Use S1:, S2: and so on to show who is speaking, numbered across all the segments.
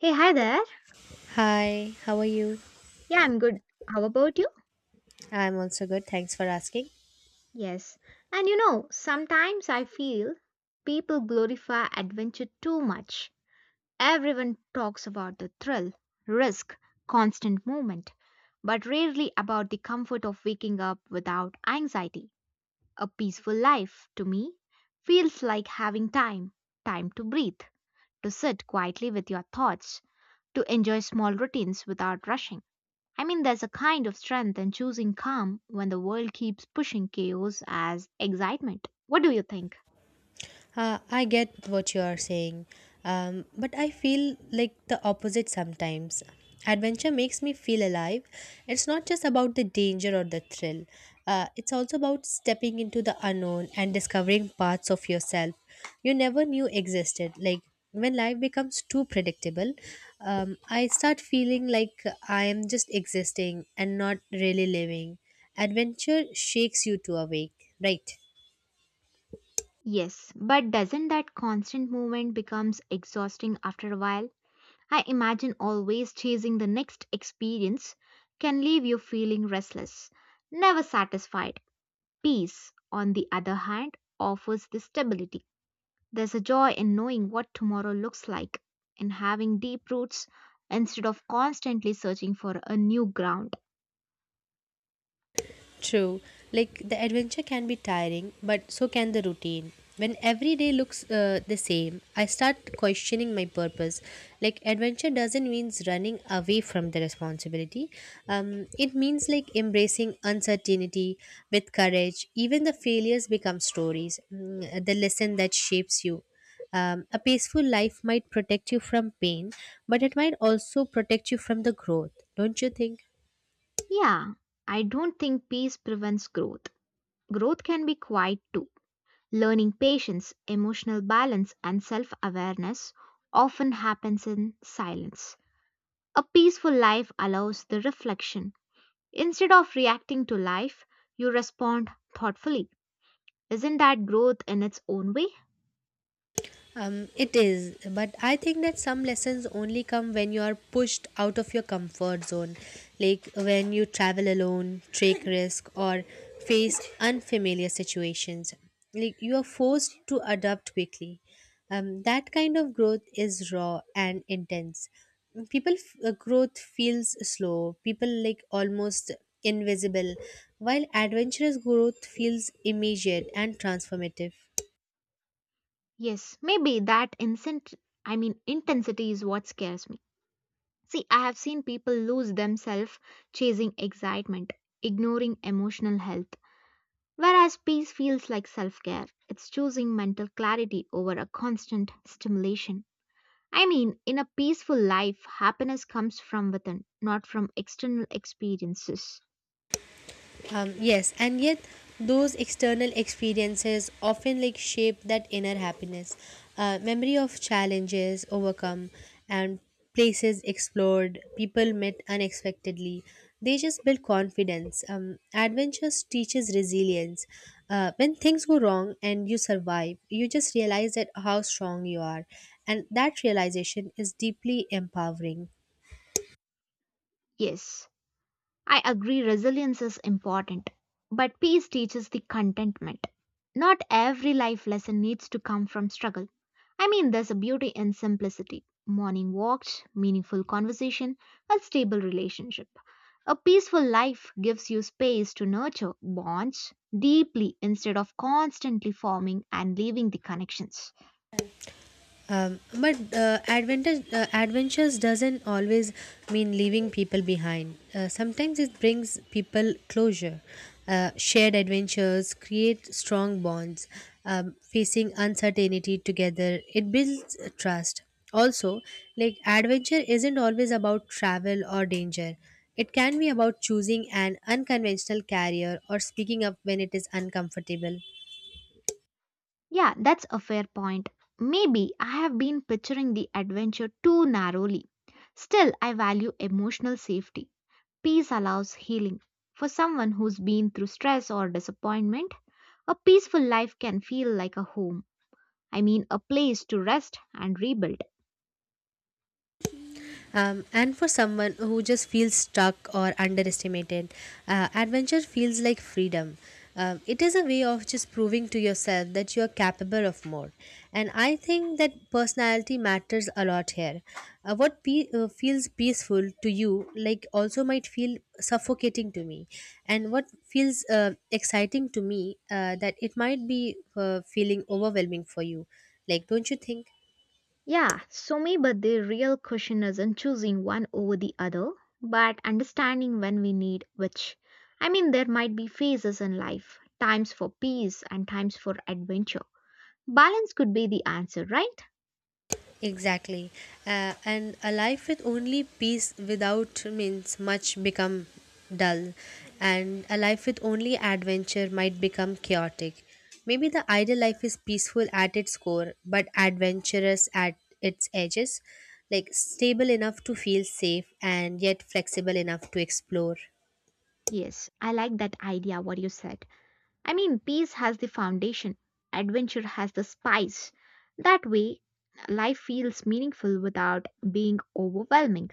S1: Hey, hi there.
S2: Hi, how are you?
S1: Yeah, I'm good. How about you?
S2: I'm also good. Thanks for asking.
S1: Yes. And you know, sometimes I feel people glorify adventure too much. Everyone talks about the thrill, risk, constant movement, but rarely about the comfort of waking up without anxiety. A peaceful life, to me, feels like having time to breathe, to sit quietly with your thoughts, to enjoy small routines without rushing. I mean, there's a kind of strength in choosing calm when the world keeps pushing chaos as excitement. What do you think?
S2: I get what you are saying, but I feel like the opposite sometimes. Adventure makes me feel alive. It's not just about the danger or the thrill, it's also about stepping into the unknown and discovering parts of yourself you never knew existed. Like when life becomes too predictable, I start feeling like I am just existing and not really living. Adventure shakes you to awake, right?
S1: Yes, but doesn't that constant movement becomes exhausting after a while? I imagine always chasing the next experience can leave you feeling restless, never satisfied. Peace, on the other hand, offers the stability. There's a joy in knowing what tomorrow looks like, in having deep roots instead of constantly searching for a new ground.
S2: True. Like the adventure can be tiring, but so can the routine. When every day looks the same, I start questioning my purpose. Like adventure doesn't means running away from the responsibility. It means like embracing uncertainty with courage. Even the failures become stories. Mm, the lesson that shapes you. A peaceful life might protect you from pain, but it might also protect you from the growth. Don't you think?
S1: Yeah, I don't think peace prevents growth. Growth can be quiet too. Learning patience, emotional balance, and self awareness often happens in silence. A peaceful life allows the reflection. Instead of reacting to life, you respond thoughtfully. Isn't that growth in its own way?
S2: It is, but I think that some lessons only come when you are pushed out of your comfort zone, like when you travel alone, take risk, or face unfamiliar situations. Like you are forced to adapt quickly. That kind of growth is raw and intense. Growth feels slow. People like almost invisible, while adventurous growth feels immediate and transformative.
S1: Yes, maybe that incent I mean intensity is what scares me. See, I have seen people lose themselves chasing excitement, ignoring emotional health. Whereas peace feels like self care, it's choosing mental clarity over a constant stimulation. I mean, in a peaceful life, happiness comes from within, not from external experiences.
S2: Yes, and yet those external experiences often like shape that inner happiness. Memory of challenges overcome and places explored, people met unexpectedly. They just build confidence. Adventures teaches resilience. When things go wrong and you survive, you just realize that how strong you are, and that realization is deeply empowering.
S1: Yes. I agree resilience is important, but peace teaches the contentment. Not every life lesson needs to come from struggle. I mean, there's a beauty in simplicity morning walks, meaningful conversation, a stable relationship. A peaceful life gives you space to nurture bonds deeply instead of constantly forming and leaving the connections.
S2: But adventures doesn't always mean leaving people behind. Sometimes it brings people closure. Shared adventures create strong bonds. Facing uncertainty together, it builds trust. Also, like adventure isn't always about travel or danger. It can be about choosing an unconventional career or speaking up when it is uncomfortable.
S1: Yeah, that's a fair point. Maybe I have been picturing the adventure too narrowly. Still, I value emotional safety. Peace allows healing. For someone who's been through stress or disappointment, a peaceful life can feel like a home. I mean, a place to rest and rebuild.
S2: And for someone who just feels stuck or underestimated, adventure feels like freedom. It is a way of just proving to yourself that you are capable of more. And I think that personality matters a lot here. What feels peaceful to you, like, also might feel suffocating to me. And what feels exciting to me, that it might be feeling overwhelming for you. Like, don't you think?
S1: Yeah, so maybe the real question isn't choosing one over the other, but understanding when we need which. I mean, there might be phases in life, times for peace and times for adventure. Balance could be the answer, right?
S2: Exactly. And a life with only peace without means much become dull, and a life with only adventure might become chaotic. Maybe the ideal life is peaceful at its core but adventurous at its edges, like stable enough to feel safe and yet flexible enough to explore.
S1: Yes, I like that idea, what you said. I mean, peace has the foundation, adventure has the spice. That way, life feels meaningful without being overwhelming.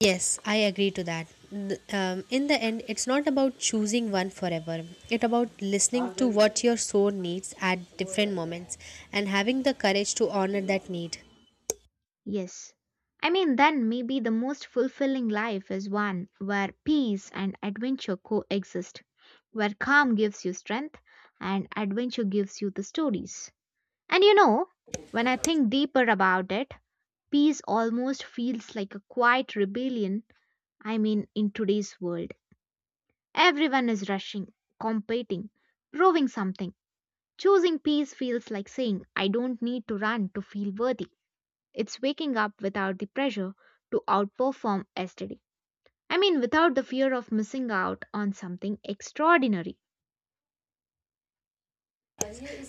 S2: Yes, I agree to that. In the end, it's not about choosing one forever. It's about listening to what your soul needs at different moments and having the courage to honor that need.
S1: Yes. I mean, then maybe the most fulfilling life is one where peace and adventure coexist, where calm gives you strength and adventure gives you the stories. And you know, when I think deeper about it, peace almost feels like a quiet rebellion. I mean, in today's world, everyone is rushing, competing, proving something. Choosing peace feels like saying, I don't need to run to feel worthy. It's waking up without the pressure to outperform yesterday. I mean, without the fear of missing out on something extraordinary.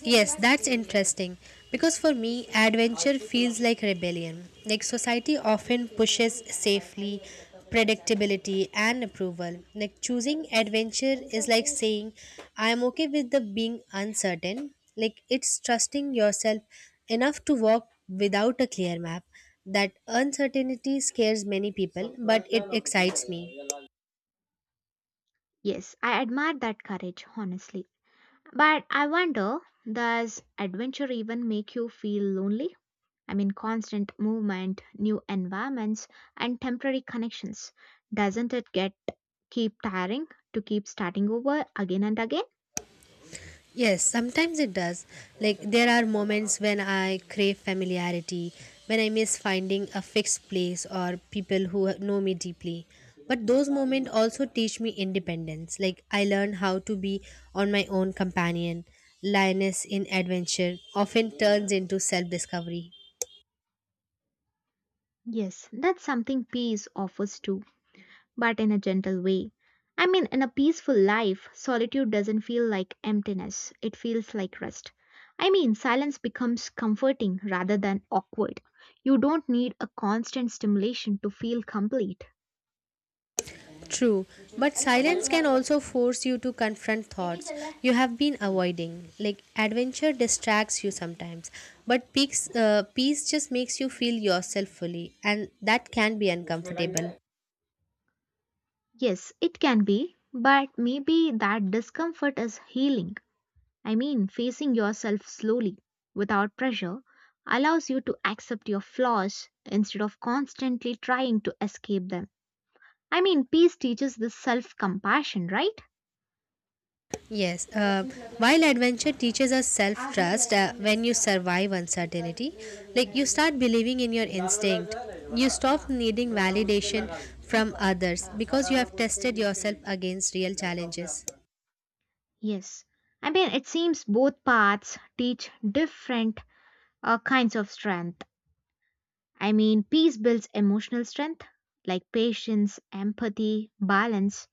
S2: Yes, that's interesting. Because for me, adventure feels like rebellion. Like society often pushes safely, predictability, and approval. Like choosing adventure is like saying, I am okay with the being uncertain. Like it's trusting yourself enough to walk without a clear map. That uncertainty scares many people, but it excites me.
S1: Yes, I admire that courage, honestly. But I wonder, does adventure even make you feel lonely? I mean, constant movement, new environments, and temporary connections. Doesn't it get keep tiring to keep starting over again and again?
S2: Yes, sometimes it does. Like, there are moments when I crave familiarity, when I miss finding a fixed place or people who know me deeply. But those moments also teach me independence. Like, I learn how to be on my own companion. Lioness in adventure often turns into self discovery.
S1: Yes, that's something peace offers too but in a gentle way. I mean, in a peaceful life, solitude doesn't feel like emptiness, it feels like rest. I mean, silence becomes comforting rather than awkward. You don't need a constant stimulation to feel complete.
S2: True, but silence can also force you to confront thoughts you have been avoiding. Like adventure distracts you sometimes, but peace just makes you feel yourself fully, and that can be uncomfortable.
S1: Yes, it can be, but maybe that discomfort is healing. I mean, facing yourself slowly, without pressure, allows you to accept your flaws instead of constantly trying to escape them. I mean, peace teaches this self compassion, right?
S2: Yes, while adventure teaches us self trust, when you survive uncertainty, like you start believing in your instinct, you stop needing validation from others because you have tested yourself against real challenges.
S1: Yes, I mean, it seems both paths teach different kinds of strength. I mean, peace builds emotional strength like patience, empathy, balance,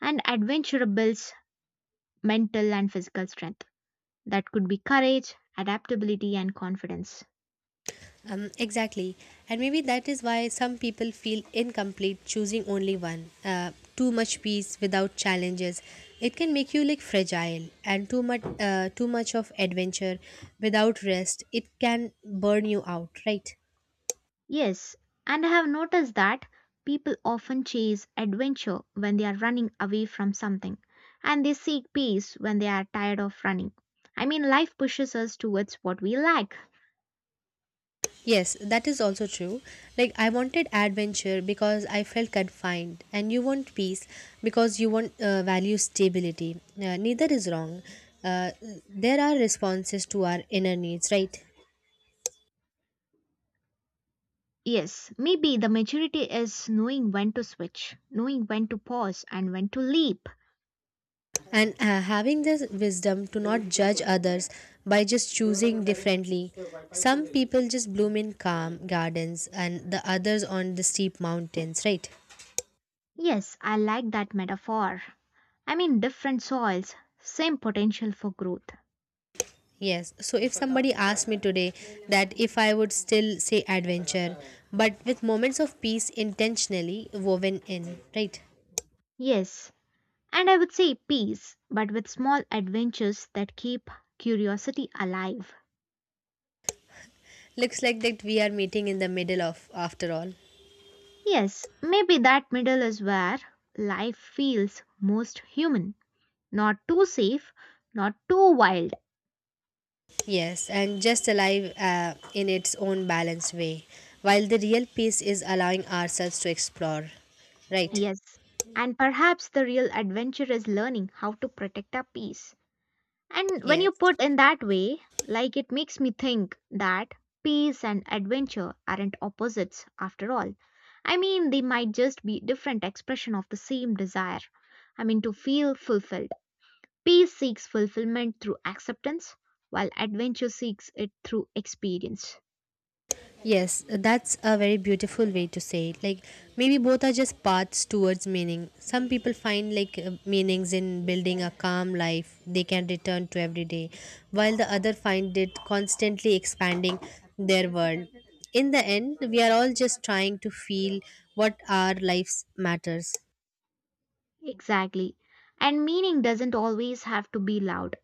S1: and adventure builds mental and physical strength. That could be courage, adaptability, and confidence.
S2: Exactly. And maybe that is why some people feel incomplete choosing only one. Too much peace without challenges. It can make you like fragile, and too much of adventure without rest. It can burn you out, right?
S1: Yes, and I have noticed that people often chase adventure when they are running away from something, and they seek peace when they are tired of running. I mean, life pushes us towards what we lack.
S2: Yes, that is also true. Like I wanted adventure because I felt confined, and you want peace because you want value stability. Neither is wrong. Uh, there are responses to our inner needs, right?
S1: Yes, maybe the maturity is knowing when to switch, knowing when to pause, and when to leap.
S2: And having the wisdom to not judge others by just choosing differently, some people just bloom in calm gardens and the others on the steep mountains, right?
S1: Yes, I like that metaphor. I mean, different soils, same potential for growth.
S2: Yes, so if somebody asked me today, that if I would still say adventure, but with moments of peace intentionally woven in, right?
S1: Yes, and I would say peace, but with small adventures that keep curiosity alive.
S2: Looks like that we are meeting in the middle of after all.
S1: Yes, maybe that middle is where life feels most human. Not too safe, not too wild.
S2: Yes, and just alive in its own balanced way, while the real peace is allowing ourselves to explore. Right?
S1: Yes. And perhaps the real adventure is learning how to protect our peace. And when you
S2: Yes.
S1: put in that way, like it makes me think that peace and adventure aren't opposites after all. I mean, they might just be different expression of the same desire. I mean, to feel fulfilled. Peace seeks fulfillment through acceptance, while adventure seeks it through experience.
S2: Yes, that's a very beautiful way to say it. Like maybe both are just paths towards meaning. Some people find like meanings in building a calm life they can return to every day, while the other find it constantly expanding their world. In the end, we are all just trying to feel what our lives matters.
S1: Exactly. And meaning doesn't always have to be loud.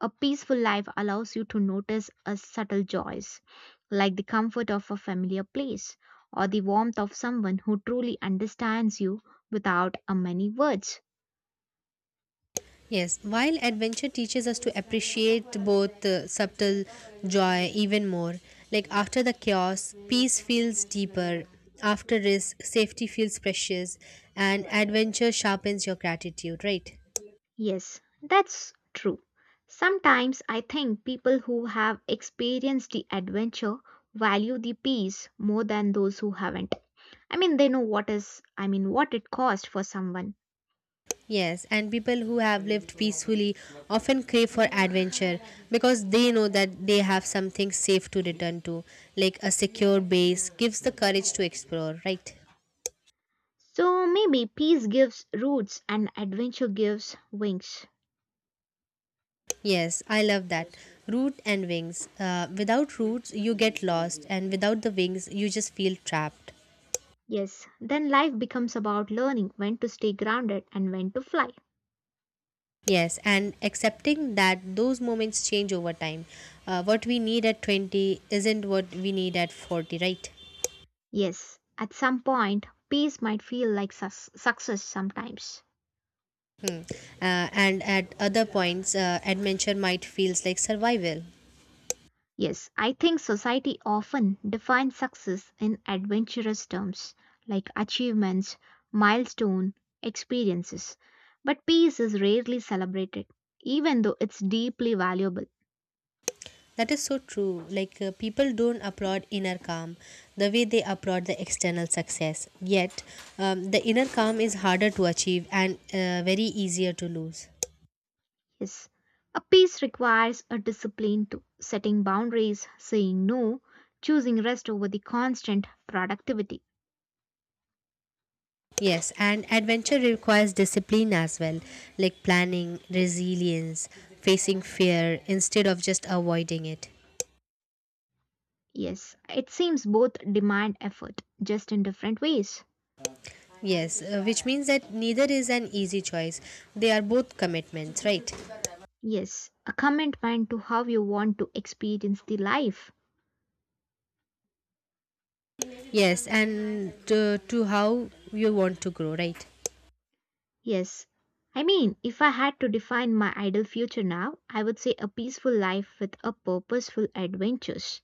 S1: A peaceful life allows you to notice a subtle joys, like the comfort of a familiar place or the warmth of someone who truly understands you without a many words.
S2: Yes, while adventure teaches us to appreciate both subtle joy even more. Like after the chaos, peace feels deeper. After risk, safety feels precious. And adventure sharpens your gratitude, right?
S1: Yes, that's true. Sometimes I think people who have experienced the adventure value the peace more than those who haven't. I mean, they know what is, I mean, what it cost for someone.
S2: Yes, and people who have lived peacefully often crave for adventure because they know that they have something safe to return to, like a secure base gives the courage to explore, right?
S1: So maybe peace gives roots and adventure gives wings.
S2: Yes, I love that. Root and wings. Without roots, you get lost, and without the wings, you just feel trapped.
S1: Yes, then life becomes about learning when to stay grounded and when to fly.
S2: Yes, and accepting that those moments change over time. What we need at 20 isn't what we need at 40, right?
S1: Yes, at some point, peace might feel like success sometimes.
S2: Hmm. And at other points, adventure might feels like survival.
S1: Yes, I think society often defines success in adventurous terms like achievements, milestone, experiences. But peace is rarely celebrated, even though it's deeply valuable.
S2: That is so true. Like, people don't applaud inner calm the way they applaud the external success. Yet, the inner calm is harder to achieve, and very easier to lose.
S1: Yes, a peace requires a discipline to setting boundaries, saying no, choosing rest over the constant productivity.
S2: Yes, and adventure requires discipline as well, like planning, resilience, facing fear instead of just avoiding it.
S1: Yes, it seems both demand effort, just in different ways.
S2: Yes, which means that neither is an easy choice. They are both commitments, right?
S1: Yes, a commitment to how you want to experience the life.
S2: Yes, and to how you want to grow, right?
S1: Yes, I mean, if I had to define my ideal future now, I would say a peaceful life with a purposeful adventures.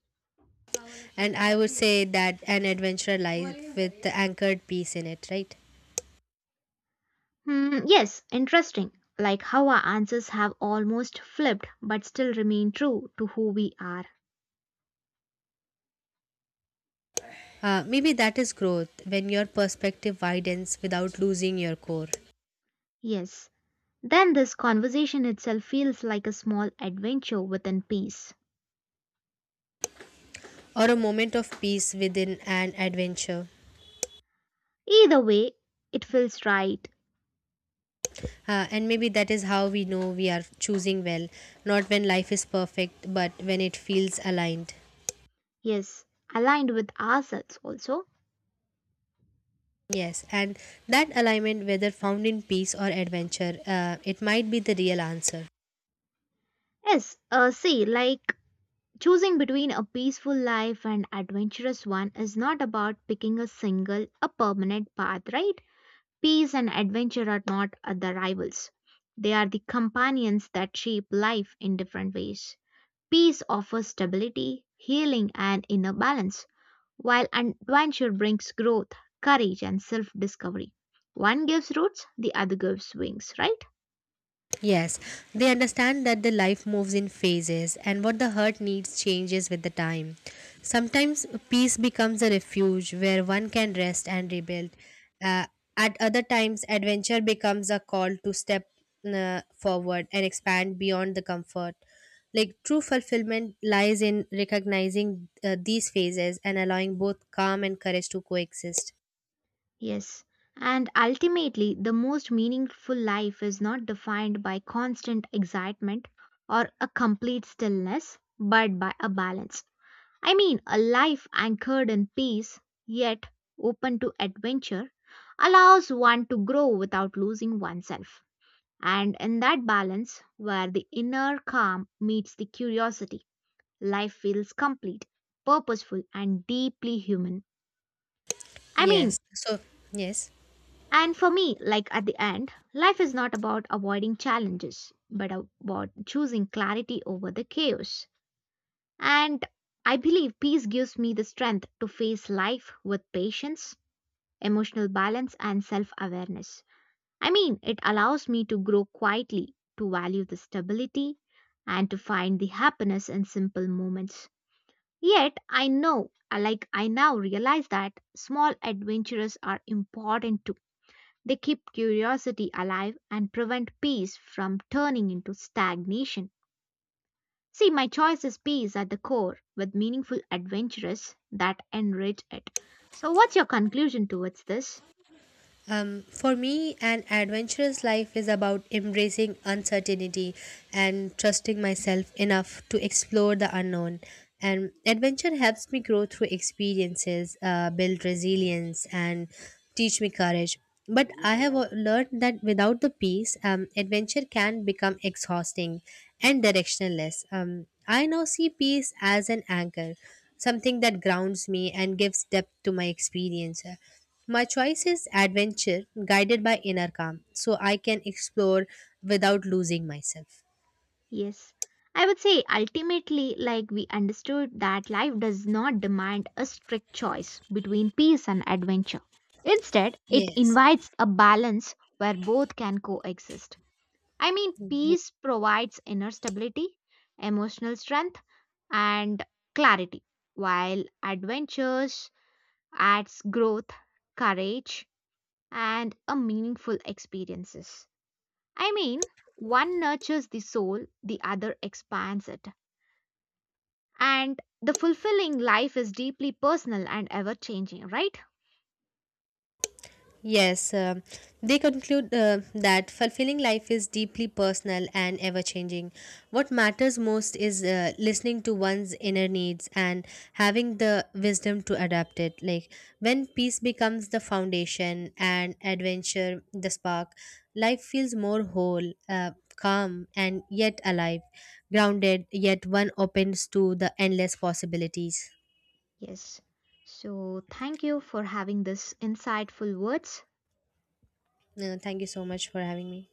S2: And I would say that an adventurer life with anchored peace in it, right?
S1: Hmm, yes, interesting. Like how our answers have almost flipped but still remain true to who we are.
S2: Maybe that is growth, when your perspective widens without losing your core,
S1: Yes. Then this conversation itself feels like a small adventure within peace.
S2: or a moment of peace within an adventure.
S1: Either way, it feels right.
S2: And maybe that is how we know we are choosing well, not when life is perfect, but when it feels aligned.
S1: Yes. Aligned with ourselves also.
S2: Yes, and that alignment, whether found in peace or adventure, it might be the real answer.
S1: Yes. See, like choosing between a peaceful life and adventurous one is not about picking a single, a permanent path, right? Peace and adventure are not the rivals, they are the companions that shape life in different ways. Peace offers stability, healing, and inner balance, while adventure brings growth, courage, and self discovery. One gives roots, the other gives wings, right?
S2: Yes, they understand that the life moves in phases, and what the heart needs changes with the time. Sometimes peace becomes a refuge where one can rest and rebuild. Uh, at other times, adventure becomes a call to step forward and expand beyond the comfort. Like true fulfillment lies in recognizing these phases and allowing both calm and courage to coexist.
S1: Yes. And ultimately, the most meaningful life is not defined by constant excitement or a complete stillness, but by a balance. I mean, a life anchored in peace, yet open to adventure, allows one to grow without losing oneself. And in that balance, where the inner calm meets the curiosity, life feels complete, purposeful, and deeply human. I mean,
S2: Yes, so, yes.
S1: and for me, like at the end, life is not about avoiding challenges, but about choosing clarity over the chaos. And I believe peace gives me the strength to face life with patience, emotional balance, and self awareness. I mean, it allows me to grow quietly, to value the stability, and to find the happiness in simple moments. Yet, I know, like I now realize that small adventures are important too. They keep curiosity alive and prevent peace from turning into stagnation. See, my choice is peace at the core with meaningful adventures that enrich it. So, what's your conclusion towards this?
S2: For me, an adventurous life is about embracing uncertainty and trusting myself enough to explore the unknown. And adventure helps me grow through experiences, build resilience, and teach me courage. But I have learned that without the peace, adventure can become exhausting and directionless. I now see peace as an anchor, something that grounds me and gives depth to my experience. My choice is adventure guided by inner calm, so I can explore without losing myself.
S1: Yes, I would say ultimately, like we understood that life does not demand a strict choice between peace and adventure. Instead, it
S2: Yes.
S1: invites a balance where both can coexist. I mean, peace provides inner stability, emotional strength, and clarity, while adventures adds growth, courage, and a meaningful experiences. I mean, one nurtures the soul, the other expands it. And the fulfilling life is deeply personal and ever changing, right?
S2: Yes, they conclude that fulfilling life is deeply personal and ever changing. What matters most is listening to one's inner needs and having the wisdom to adapt it. Like when peace becomes the foundation and adventure the spark, life feels more whole, calm, and yet alive, grounded, yet one opens to the endless possibilities.
S1: Yes. So, thank you for having this insightful words.
S2: Thank you so much for having me.